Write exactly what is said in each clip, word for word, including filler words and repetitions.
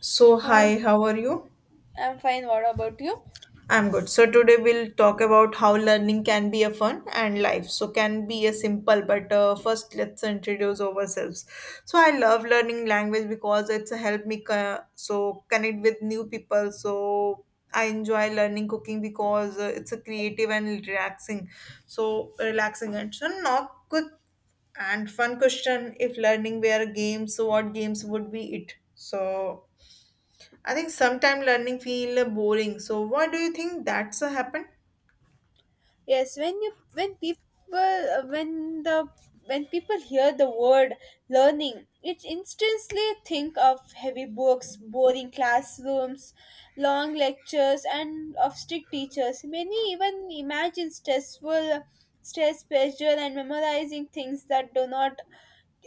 So, Hi, hi, how are you? I'm fine. What about you? I'm good. So, today we'll talk about how learning can be a fun and life. So, can be a simple, but uh, first, let's introduce ourselves. So, I love learning language because it's helped me co- so connect with new people. So, I enjoy learning cooking because uh, it's a creative and relaxing. So, relaxing and so not quick and fun question. If learning were games, so what games would be it? So, I think sometimes learning feel boring. So why do you think that's uh, happened? Yes, when you when people uh, when the when people hear the word learning, it instantly think of heavy books, boring classrooms, long lectures, and of strict teachers. Many even imagine stressful stress, pressure, and memorizing things that do not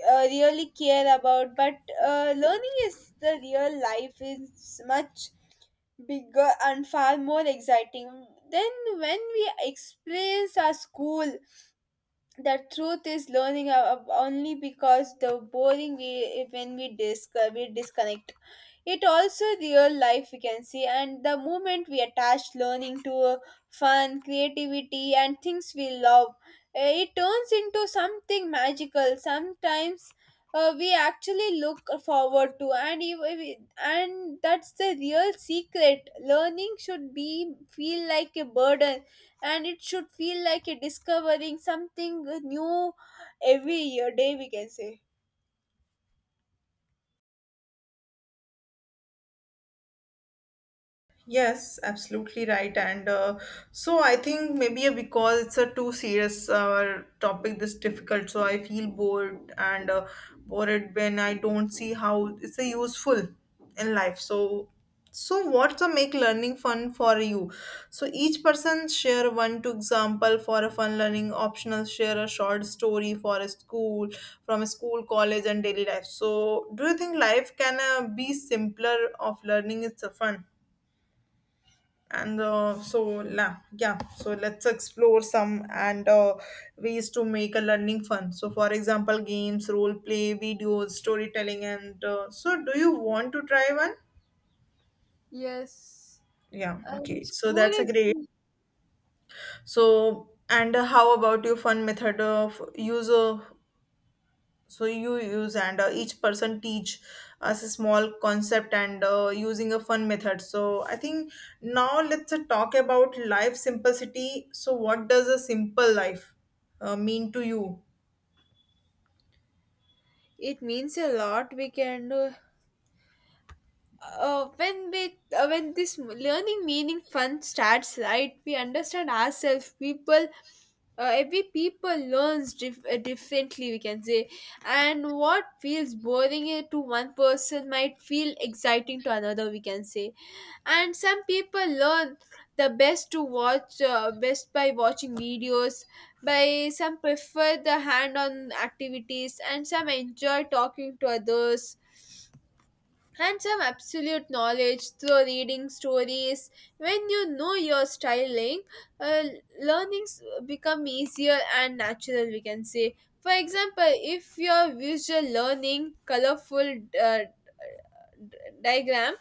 uh, really care about. But uh, learning is the real life is much bigger and far more exciting than when we experience our school. The truth is learning uh, uh, only because the boring we when we disc uh, we disconnect it also real life we can see, and the moment we attach learning to uh, fun creativity and things we love, uh, it turns into something magical sometimes uh, we actually look forward to. And if- if- and that's the real secret. Learning should be feel like a burden, and it should feel like a discovering something new every year day, we can say. Yes, absolutely right. And uh, so I think maybe because it's a too serious uh, topic, this difficult. So I feel bored and uh, bored when I don't see how it's a useful in life. So, so what's a make learning fun for you? So each person share one two example for a fun learning optional. Share a short story for a school from a school, college, and daily life. So do you think life can uh, be simpler of learning? It's a fun and uh, so la, yeah, so let's explore some and uh, ways to make a learning fun, so for example, games, role play, videos, storytelling, and uh, so do you want to try one? Yes. Yeah, And okay, so school that's a great. is, So and uh, how about your fun method of use, uh, so you use, and uh, each person teach us a small concept, and uh, using a fun method. So I think now let's uh, talk about life simplicity. So what does a simple life uh, mean to you? it means a lot we can do uh, when we uh, when this learning meaning fun starts right, we understand ourselves people. Uh, every people learns dif- uh, differently, we can say, and what feels boring uh, to one person might feel exciting to another, we can say. And some people learn the best to watch uh, best by watching videos, by some prefer the hand on activities, and some enjoy talking to others, and some absolute knowledge through reading stories. When you know your styling, uh, learnings become easier and natural, we can say. For example, if your visual learning colorful uh, diagram,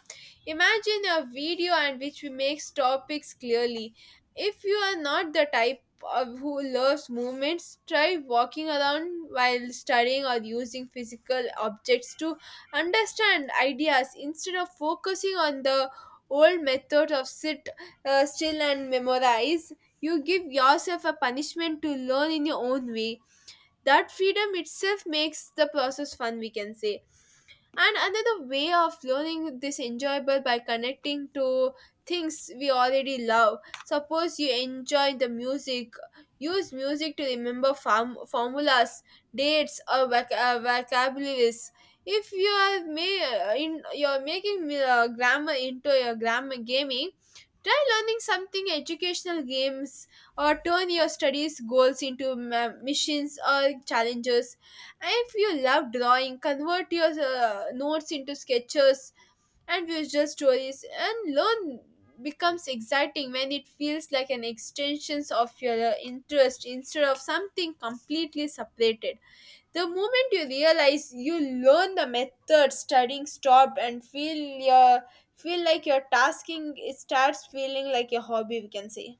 imagine a video and which makes topics clearly. If you are not the type of who loves movements, try walking around while studying or using physical objects to understand ideas instead of focusing on the old method of sit uh, still and memorize. You give yourself a punishment to learn in your own way. That freedom itself makes the process fun, we can say. And another way of learning this enjoyable by connecting to things we already love. Suppose you enjoy the music, use music to remember form- formulas, dates, or voc- uh, vocabularies. If you are ma- in you're making uh, grammar into your grammar gaming, try learning something educational games, or turn your studies goals into ma- missions or challenges. And if you love drawing, convert your uh, notes into sketches and visual stories, and learn becomes exciting when it feels like an extension of your uh, interest instead of something completely separated. The moment you realize you learn the method, studying stopped and feel your feel like your tasking, it starts feeling like a hobby. We can say.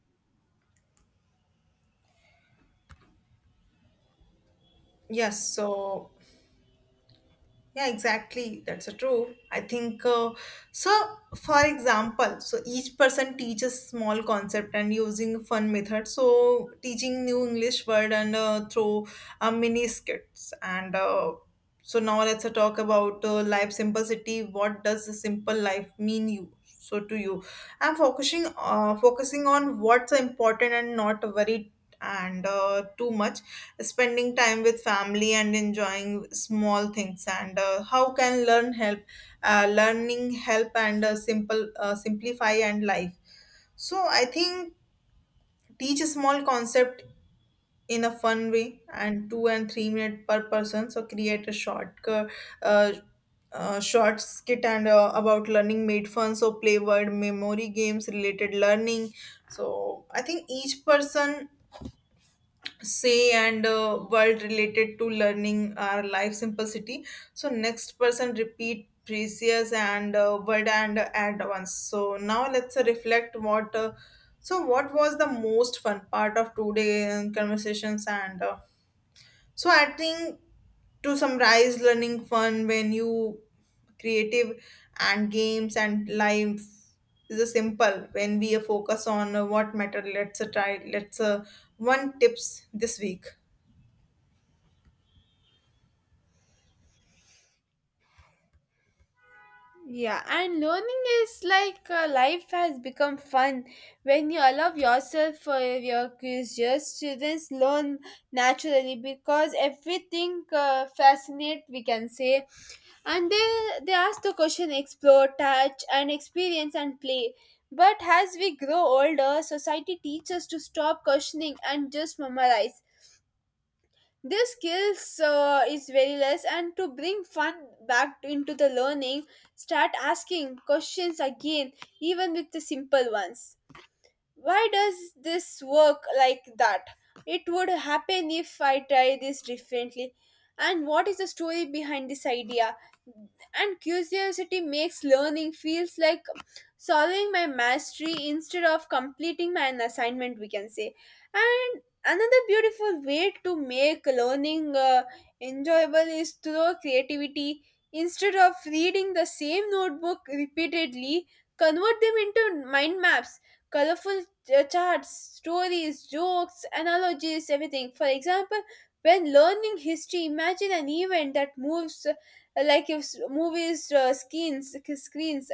Yes, so yeah, exactly. That's a true. I think, uh, so, for example, so each person teaches small concept and using fun method. So teaching new English word and uh, through uh, mini skits. And uh, so now let's uh, talk about uh, life simplicity. What does the simple life mean you? So to you, I'm focusing uh, focusing on what's important and not worried and uh, too much spending time with family and enjoying small things, and uh, how can learn help, uh, learning help and uh, simple, uh, simplify and life. So I think teach a small concept in a fun way and two and three minute per person, so create a short uh, uh, uh, short skit and uh, about learning made fun, so play word memory games related learning. So I think each person say and uh, world related to learning our life simplicity. So next person repeat precious and uh, word and uh, add once. So now let's uh, reflect what, uh, so what was the most fun part of today conversations, and uh, so I think to summarize learning fun when you creative and games and life is a simple when we focus on uh, what matter. Let's uh, try let's uh, one tips this week. Yeah, and learning is like uh, life has become fun when you allow yourself for your curious. Students learn naturally because everything uh, fascinates, we can say, and they they ask the question, explore, touch, and experience and play. But as we grow older, society teaches us to stop questioning and just memorize. This skills uh, is very less, and to bring fun back into the learning, start asking questions again, even with the simple ones. Why does this work like that? It would happen if I try this differently. And what is the story behind this idea? And curiosity makes learning feels like solving my mastery instead of completing my an assignment, we can say. And another beautiful way to make learning uh, enjoyable is through creativity. Instead of reading the same notebook repeatedly, convert them into mind maps, colorful uh, charts, stories, jokes, analogies, everything. For example, when learning history, imagine an event that moves uh, like if s- movies uh, screens, screens.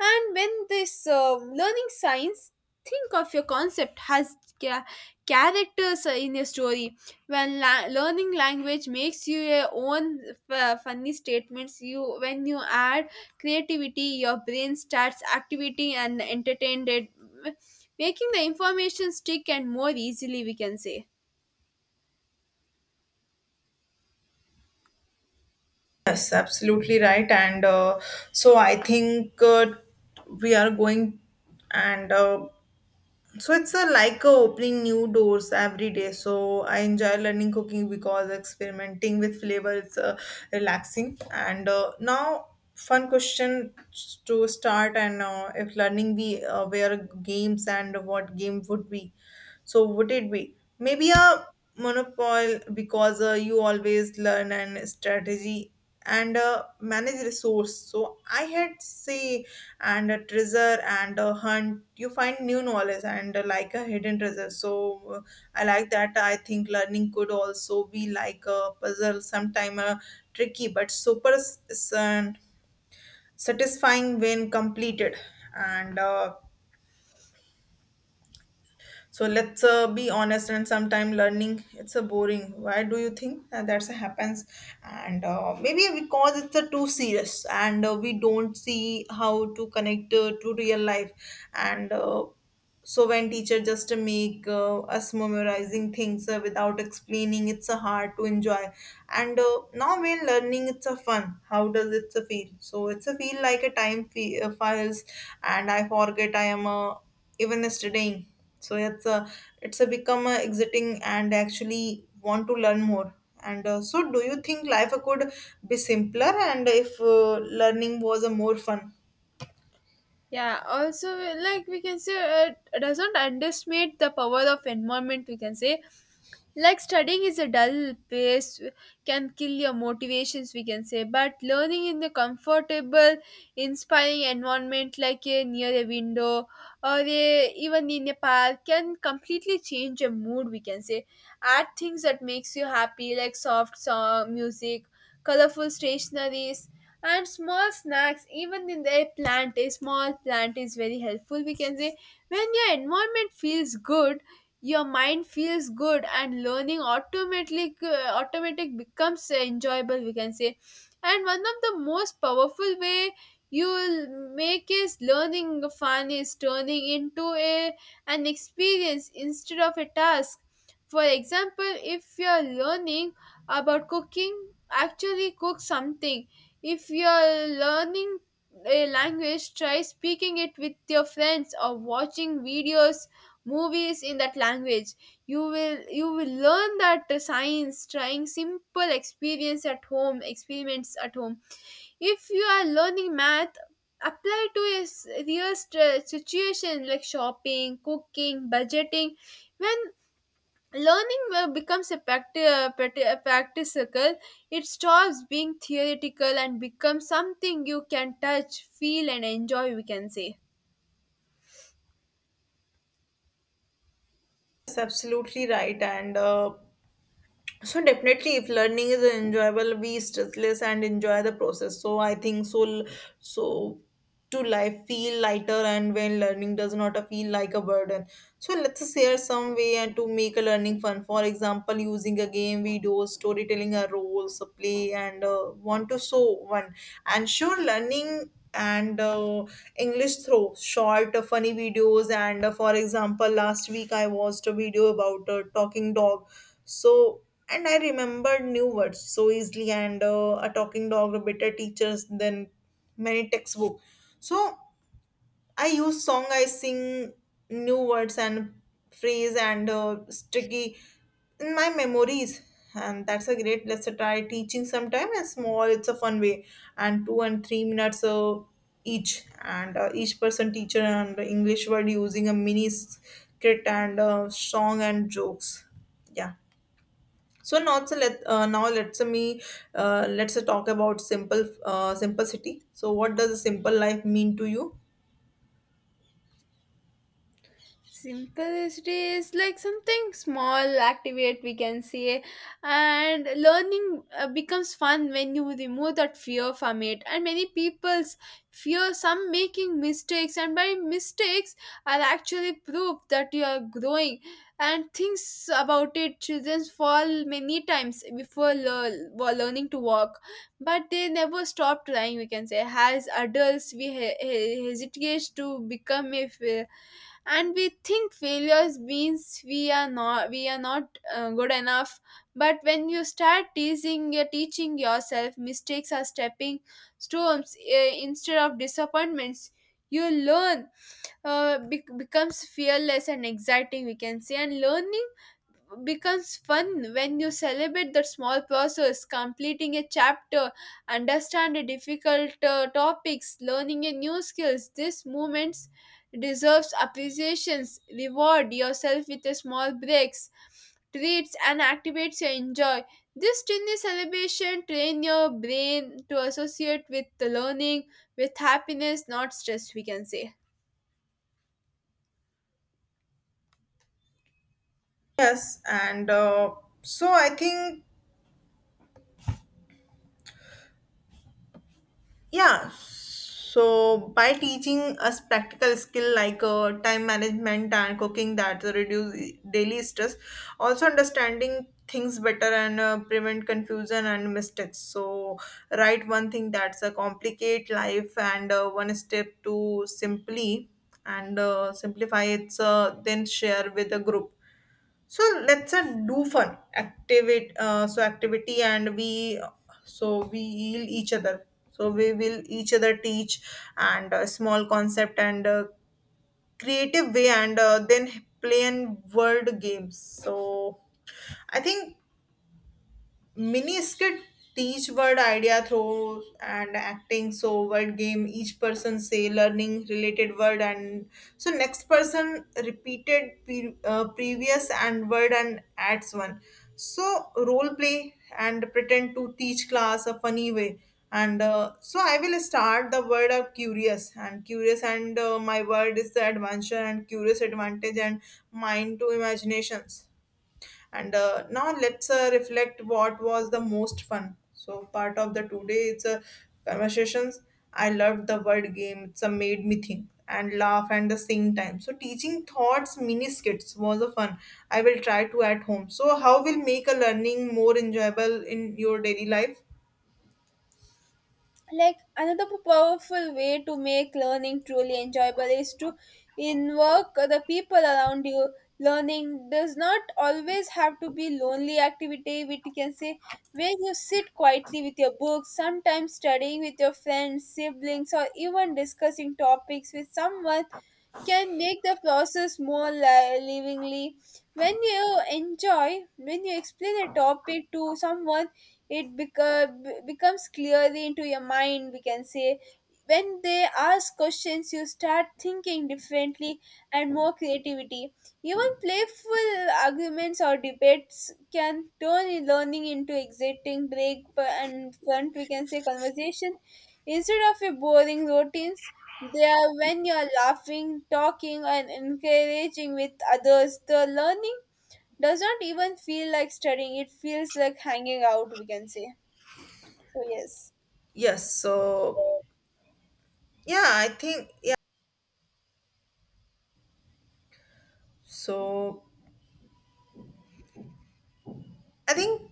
And when this uh, learning science, think of your concept has ca- characters in your story. When la- learning language makes you your own f- funny statements, you when you add creativity, your brain starts activity and entertained, it, making the information stick and more easily. We can say. Yes, absolutely right and uh, so I think, uh, we are going, and uh, so it's a, like a opening new doors every day. So I enjoy learning cooking because experimenting with flavor is uh, relaxing. And uh, now fun question to start, and uh, if learning we uh, were games and what game would be. So would it be maybe a monopole because uh, you always learn and strategy and uh, manage resource. So I had say and a treasure and a hunt. You find new knowledge and uh, like a hidden treasure. So, uh, I like that. I think learning could also be like a puzzle, sometime uh, tricky but super s- s- and satisfying when completed and. Uh, so let's uh, be honest and sometime learning it's a boring. Why do you think that that's happens? And uh, maybe because it's a too serious, and uh, we don't see how to connect uh, to real life, and uh, so when teacher just make uh, us memorizing things uh, without explaining, it's a hard to enjoy, and uh, now when learning it's a fun, how does it feel? So it's a feel like a time fe- uh, files and I forget I am, uh, even studying. So it's a it's a become uh, exiting and actually want to learn more, and uh, so do you think life could be simpler, and if uh, learning was a more fun? Yeah, also, like we can say, uh, it doesn't underestimate the power of environment, we can say. Like studying is a dull pace can kill your motivations, we can say, but learning in the comfortable inspiring environment like a near a window, or a, even in a park, can completely change your mood, we can say. Add things that makes you happy, like soft song music, colorful stationaries, and small snacks. Even in the plant, a small plant is very helpful, we can say. When your environment feels good, your mind feels good and learning automatically uh, automatic becomes uh, enjoyable, we can say. And one of the most powerful way you'll make is learning fun is turning into a an experience instead of a task. For example, if you're learning about cooking, actually cook something. If you're learning a language, try speaking it with your friends or watching videos movies in that language. You will you will learn that science trying simple experience at home experiments at home. If you are learning math, apply to a s- real st- situation like shopping, cooking, budgeting. When learning uh, becomes a, practi- uh, practi- a practical, it stops being theoretical and becomes something you can touch, feel, and enjoy, we can say. That's absolutely right, and uh, so definitely, if learning is enjoyable, we stressless and enjoy the process. So I think so. So to life feel lighter, and when learning does not feel like a burden. So let's share some way and to make a learning fun. For example, using a game, videos, storytelling, a roles, a play, and uh, want to show one. And sure, learning and uh, English through short uh, funny videos. And uh, for example, last week I watched a video about a talking dog. So and I remembered new words so easily, and uh, a talking dog, a better teachers than many textbook. So I use song, I sing new words and phrase and uh, sticky in my memories, and that's a great. Let's try teaching sometime. And small, it's a fun way, and two and three minutes uh, each, and uh, each person teacher and English word using a mini script and uh, song and jokes. Yeah. So now so let uh, now let's me uh, let's talk about simple, uh, simplicity. So what does a simple life mean to you? Simplicity is like something small activate, we can say, and learning uh, becomes fun when you remove that fear from it, and many people's fear some making mistakes, and by mistakes are actually proof that you are growing. And things about it, children fall many times before lear- while learning to walk, but they never stop trying, we can say. As adults we he- he- hesitate to become a, and we think failures means we are not we are not uh, good enough. But when you start teasing uh, teaching yourself, mistakes are stepping stones uh, instead of disappointments. You learn uh, bec- becomes fearless and exciting, we can say. And learning becomes fun when you celebrate that small process, completing a chapter, understand a difficult uh, topics, learning a new skills. These moments deserves appreciations. Reward yourself with a small breaks, treats, and activates your enjoy. This tiny celebration train your brain to associate with the learning with happiness, not stress, we can say. Yes, and uh, so I think. Yeah, so by teaching us practical skill like, uh, time management and cooking that reduce daily stress, also understanding things better and uh, prevent confusion and mistakes. So write one thing that's a complicate life and uh, one step to simply and uh, simplify it's, uh, then share with a group. So let's uh, do fun activate uh, so activity and we, so we heal each other. So we will each other teach and uh, small concept and uh, creative way, and uh, then play and word games. So I think mini skit teach word idea throws and acting. So word game each person say learning related word, and so next person repeated pre- uh, previous and word and adds one. So role play and pretend to teach class a funny way, and uh, so I will start the word of curious and curious, and uh, my word is the adventure and curious advantage and mind to imaginations, and uh, now let's uh, reflect what was the most fun, so part of the today it's a conversations. I loved the word game. It's a made me think and laugh, and the sing time. So teaching thoughts mini skits was a fun. I will try to at home. So how will make a learning more enjoyable in your daily life? Like another p- powerful way to make learning truly enjoyable is to invoke the people around you. Learning does not always have to be lonely activity, which you can say, where you sit quietly with your books. Sometimes studying with your friends, siblings, or even discussing topics with someone can make the process more li- livingly. When you enjoy, when you explain a topic to someone, it beco- be- becomes clearly into your mind, we can say. When they ask questions, you start thinking differently and more creativity. Even playful arguments or debates can turn learning into exciting break and front, we can say, conversation. Instead of a boring routines, they are when you're laughing, talking, and encouraging with others. The learning does not even feel like studying, it feels like hanging out, we can say. So, yes. Yes, so yeah, I think yeah. So I think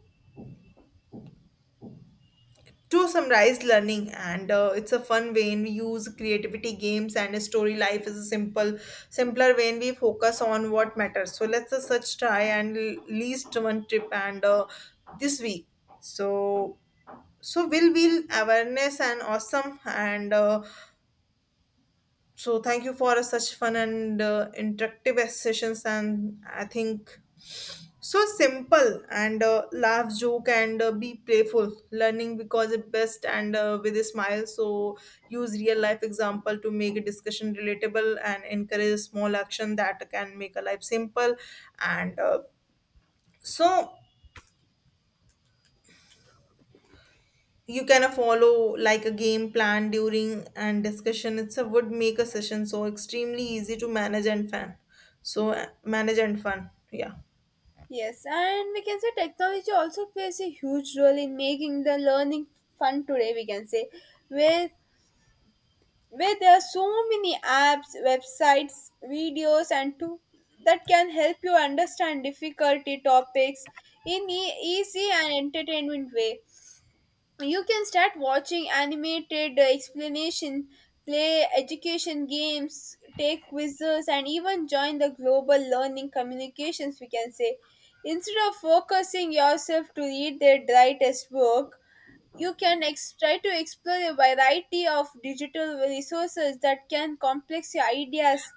to summarize learning, and uh, it's a fun when we use creativity games and a story. Life is a simple, simpler when we focus on what matters. So let's uh, such try and l- least one trip, and uh, this week. So so will will awareness and awesome, and uh, so thank you for such fun and uh, interactive sessions, and I think so simple and uh, laugh, joke, and uh, be playful. Learning because it's best and uh, with a smile. So use real life example to make a discussion relatable and encourage small action that can make a life simple. And uh, so you can, uh, follow like a game plan during and discussion. It's a would make a session so extremely easy to manage and fun. So, uh, manage and fun. Yeah. Yes, and we can say technology also plays a huge role in making the learning fun today, we can say. With where there are so many apps, websites, videos, and tools that can help you understand difficulty topics in e- easy and entertainment way. You can start watching animated uh, explanation, play education games, take quizzes, and even join the global learning communications. We can say, instead of focusing yourself to read the right test book, you can ex- try to explore a variety of digital resources that can complex your ideas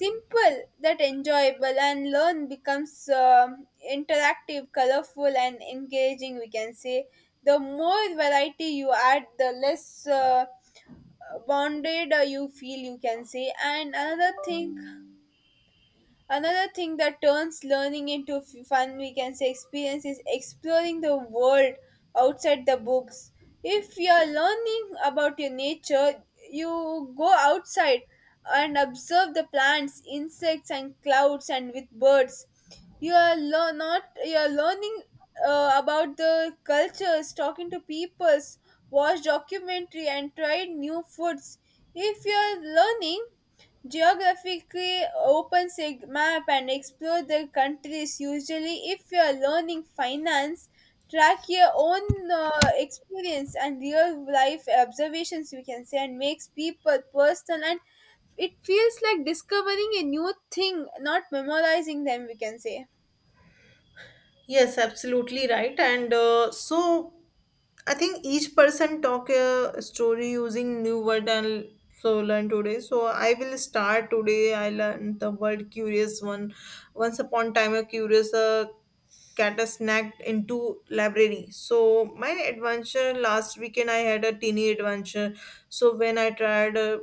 simple that enjoyable, and learn becomes um, interactive, colorful, and engaging, we can say. The more variety you add, the less uh, bounded uh, you feel, you can say. And another thing Another thing that turns learning into f- fun, we can say, experience is exploring the world outside the books. If you are learning about your nature, you go outside and observe the plants, insects, and clouds, and with birds. You are lear- not you are learning uh, about the cultures, talking to peoples, watch documentary, and try new foods. If you are learning geographically, open sig map and explore the countries. Usually, if you are learning finance, track your own uh, experience and real life observations, we can say, and makes people personal, and it feels like discovering a new thing, not memorizing them. We can say. Yes, absolutely right. And uh, so I think each person talk a story using new word and so learn today. So I will start today. I learned the word curious one. Once upon time, a curious uh, cat snacked into library. So my adventure last weekend, I had a teeny adventure. So when I tried uh,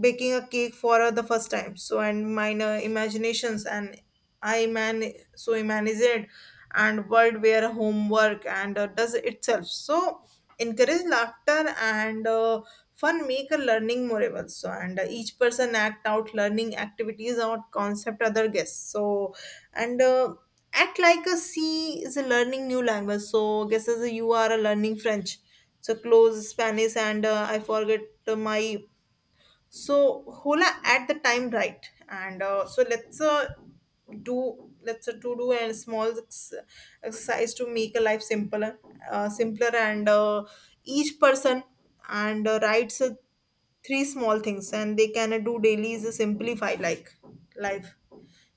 baking a cake for uh, the first time, so and mine uh, imaginations and I man so imagined and world where homework and uh, does itself, so encourage laughter and uh, fun make a learning memorable, so and uh, each person act out learning activities or concept other guests, so and uh, act like a c is a learning new language. So guess as you are a learning french, so close spanish, and uh, I forget, uh, my so hola at the time right, and uh, so let's uh, do let's uh, to do a small ex- exercise to make a life simpler, uh, simpler, and uh, each person, and uh, writes, uh, three small things and they can uh, do daily is uh, simplify like life.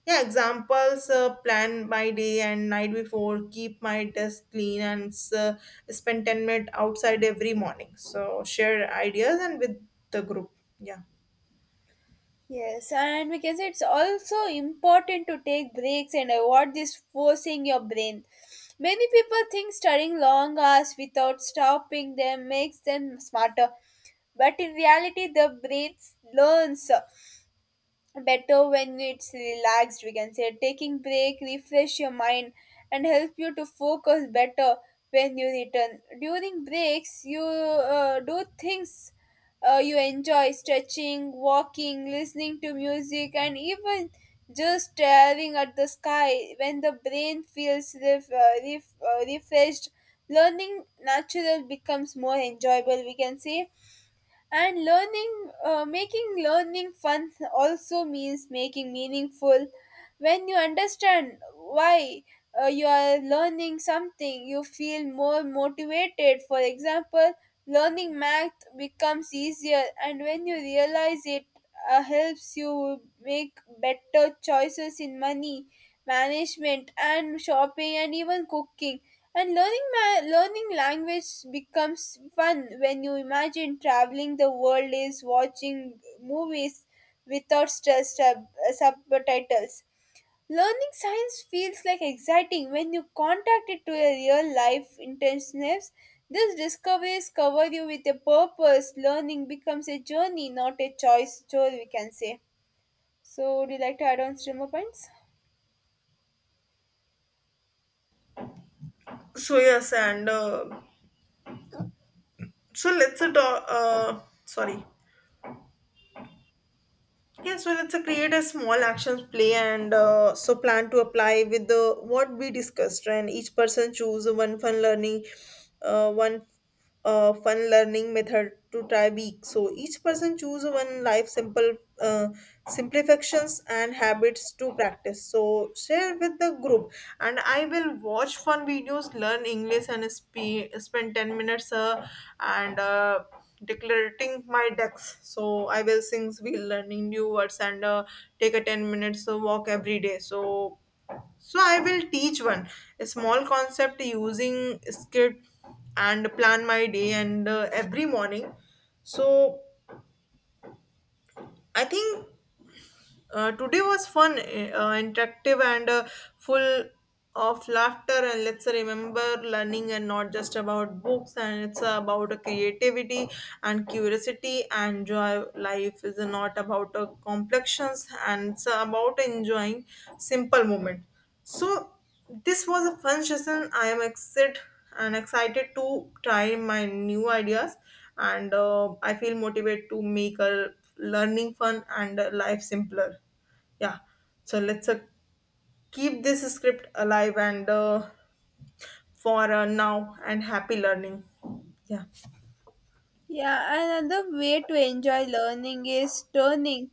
Yeah, examples, uh, plan my day and night before, keep my desk clean, and uh, spend ten minutes outside every morning. So share ideas and with the group. Yeah. Yes, and we can say it's also important to take breaks and avoid this forcing your brain. Many people think studying long hours without stopping them makes them smarter, but in reality, the brain learns better when it's relaxed, we can say. Taking break refresh your mind and help you to focus better when you return. During breaks you uh, do things uh, you enjoy: stretching, walking, listening to music, and even just staring at the sky. When the brain feels ref- uh, ref- uh, refreshed, learning natural becomes more enjoyable, we can say. And learning, uh, making learning fun also means making meaningful. When you understand why uh, you are learning something, you feel more motivated. For example, learning math becomes easier and when you realize it uh, helps you make better choices in money management and shopping and even cooking. And learning ma- learning language becomes fun when you imagine traveling the world is watching movies without stress sub- subtitles. Learning science feels like exciting when you contact it to your real life intensives. These discoveries cover you with a purpose. Learning becomes a journey, not a choice chore, we can say. So, would you like to add on streamer points? So yes, and uh, so let's uh, do- uh sorry. Yes, well, it's a create a small actions play and uh, so plan to apply with the what we discussed, and each person choose one fun learning, uh, one uh, fun learning method to try week. So each person choose one life simple uh, simplifications and habits to practice. So share with the group, and I will watch fun videos, learn English, and spe- spend ten minutes uh, and. Uh, decluttering my decks. So I will since we learning new words and uh, take a ten minutes uh, walk every day. So so I will teach one a small concept using script and plan my day and uh, every morning. So I think Uh, today was fun, uh, interactive, and uh, full of laughter. And let's remember learning and not just about books, and it's about creativity and curiosity and joy. Life is not about uh, complexions, and it's about enjoying simple moments. So, this was a fun session. I am excited and excited to try my new ideas and uh, I feel motivated to make a learning fun and uh, life simpler. Yeah. So let's uh, keep this script alive and uh, for uh, now and happy learning. Yeah. Yeah, another way to enjoy learning is turning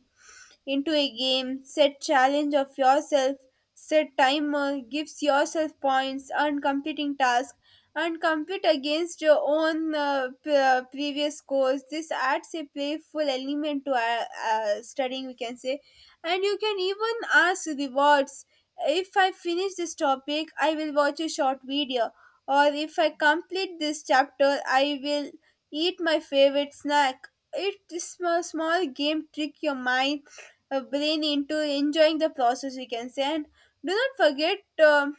into a game: set challenge of yourself, set timer, gives yourself points, earn completing tasks, and compete against your own uh, p- uh, previous scores. This adds a playful element to uh, uh, studying, we can say, and you can even ask rewards. If I finish this topic, I will watch a short video, or if I complete this chapter, I will eat my favorite snack. It is a small game trick your mind uh, brain into enjoying the process, we can say. And do not forget, um,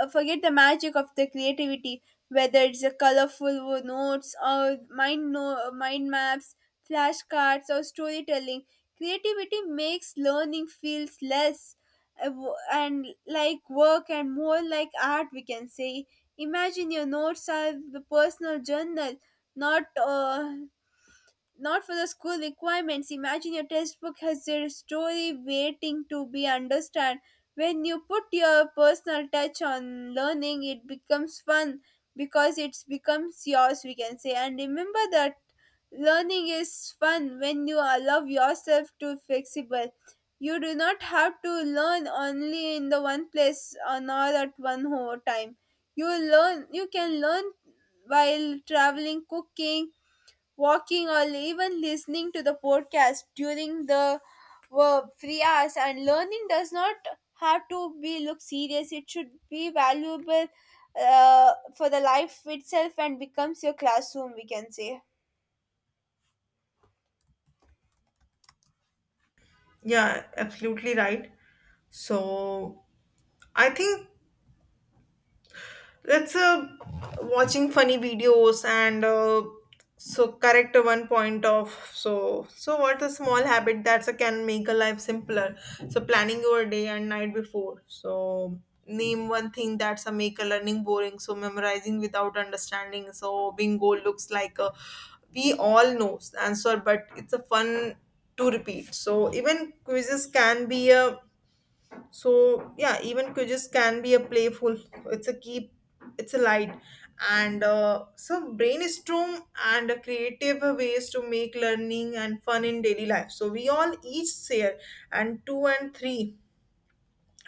uh, forget the magic of the creativity, whether it's a colorful wo- notes or mind no- mind maps, flashcards, or storytelling. Creativity makes learning feels less uh, wo- and like work and more like art, we can say. Imagine your notes are the personal journal, not uh, not for the school requirements. Imagine your textbook has a story waiting to be understood. When you put your personal touch on learning, it becomes fun because it becomes yours, we can say. And remember that learning is fun when you allow yourself to flexible. You do not have to learn only in the one place or not at one whole time. You learn you can learn while traveling, cooking, walking, or even listening to the podcast during the uh, free hours. And learning does not have to be look serious. It should be valuable uh, for the life itself and becomes your classroom, we can say. Yeah, absolutely right. So I think. That's uh, Watching funny videos and uh, so correct one point of so so what a small habit that's a can make a life simpler. So planning your day and night before. So name one thing that's a make a learning boring. So memorizing without understanding. So bingo looks like a, we all know the answer, but it's a fun to repeat. So even quizzes can be a, so yeah even quizzes can be a playful, it's a keep, it's a light, and uh, so brainstorm and creative ways to make learning and fun in daily life. So we all each share and two and three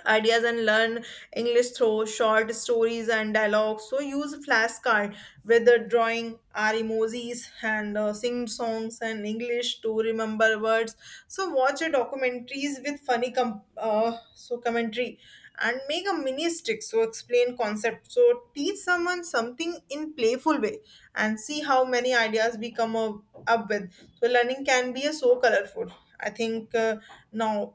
ideas and learn English through short stories and dialogues. So use flashcard with the drawing our emojis and uh, sing songs and English to remember words. So watch your documentaries with funny com- uh, so commentary and make a mini stick, so explain concept, so teach someone something in playful way and see how many ideas we come up, up with So learning can be a so colorful. I think. Uh, now,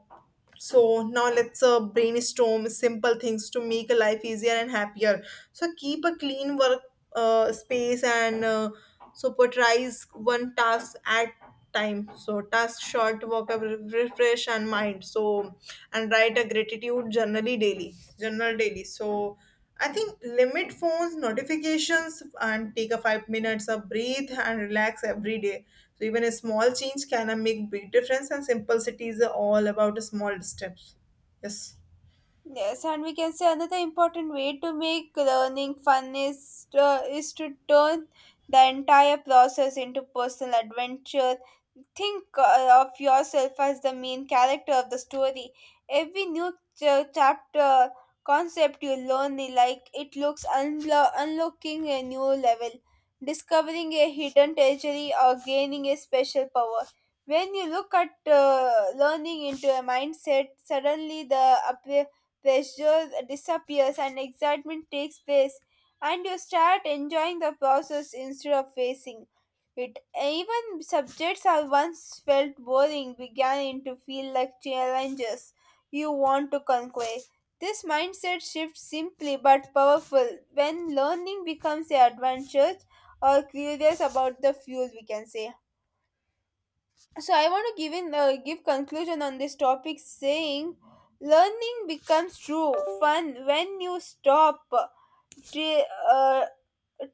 so now let's uh, brainstorm simple things to make life easier and happier. So keep a clean work uh, space and uh, so prioritize one task at time. So task short, work up, refresh and mind. So and write a gratitude journally daily, journal daily. So I think limit phones, notifications, and take a five minutes of breathe and relax every day. So even a small change can uh, make big difference. And simplicity is all about small steps. Yes. Yes, and we can say another important way to make learning fun is to is to turn the entire process into personal adventure. Think uh, of yourself as the main character of the story. Every new ch- chapter concept you learn, like it looks unlo- unlocking a new level, discovering a hidden treasury, or gaining a special power. When you look at uh, learning into a mindset, suddenly the appre- pressure disappears and excitement takes place, and you start enjoying the process instead of facing. It even subjects I once felt boring began to feel like challenges you want to conquer. This mindset shift simply but powerful when learning becomes a adventure or curious about the fuel, we can say. So I want to give in uh, give conclusion on this topic saying learning becomes true fun when you stop tre- uh,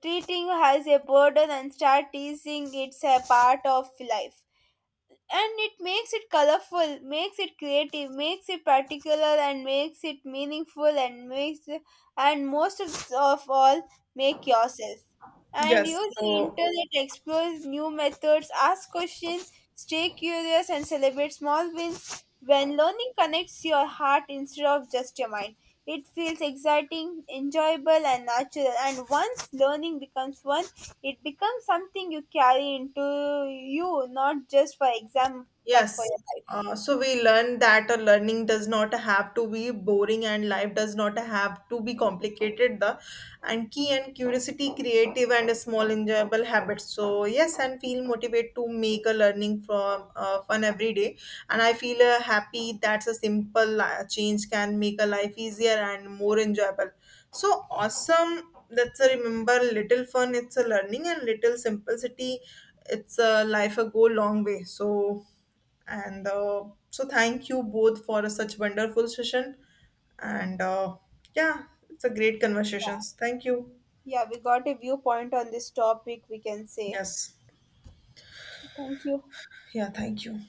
treating as a burden and start teasing it's a part of life, and it makes it colorful, makes it creative, makes it particular, and makes it meaningful, and makes and most of, of all make yourself and you, Yes. the So. internet explores new methods, asks questions, stay curious, and celebrate small wins. When learning connects your heart instead of just your mind, it feels exciting, enjoyable, and natural. And once learning becomes fun, it becomes something you carry into you, not just for exam, but for Yes. your life. Uh, so we learn that a learning does not have to be boring and life does not have to be complicated. The and key and curiosity, creative and small enjoyable habits. So yes, and feel motivated to make a learning from uh, fun every day. And I feel uh, happy that's a simple li- change can make a life easier and more enjoyable. So awesome. That's a remember little fun. It's a learning and little simplicity. It's a life a go long way. So and uh, so, thank you both for such wonderful session. And uh, Yeah, it's a great conversations. Thank you. Yeah, we got a viewpoint on this topic, we can say. Yes. So, thank you. Yeah, thank you.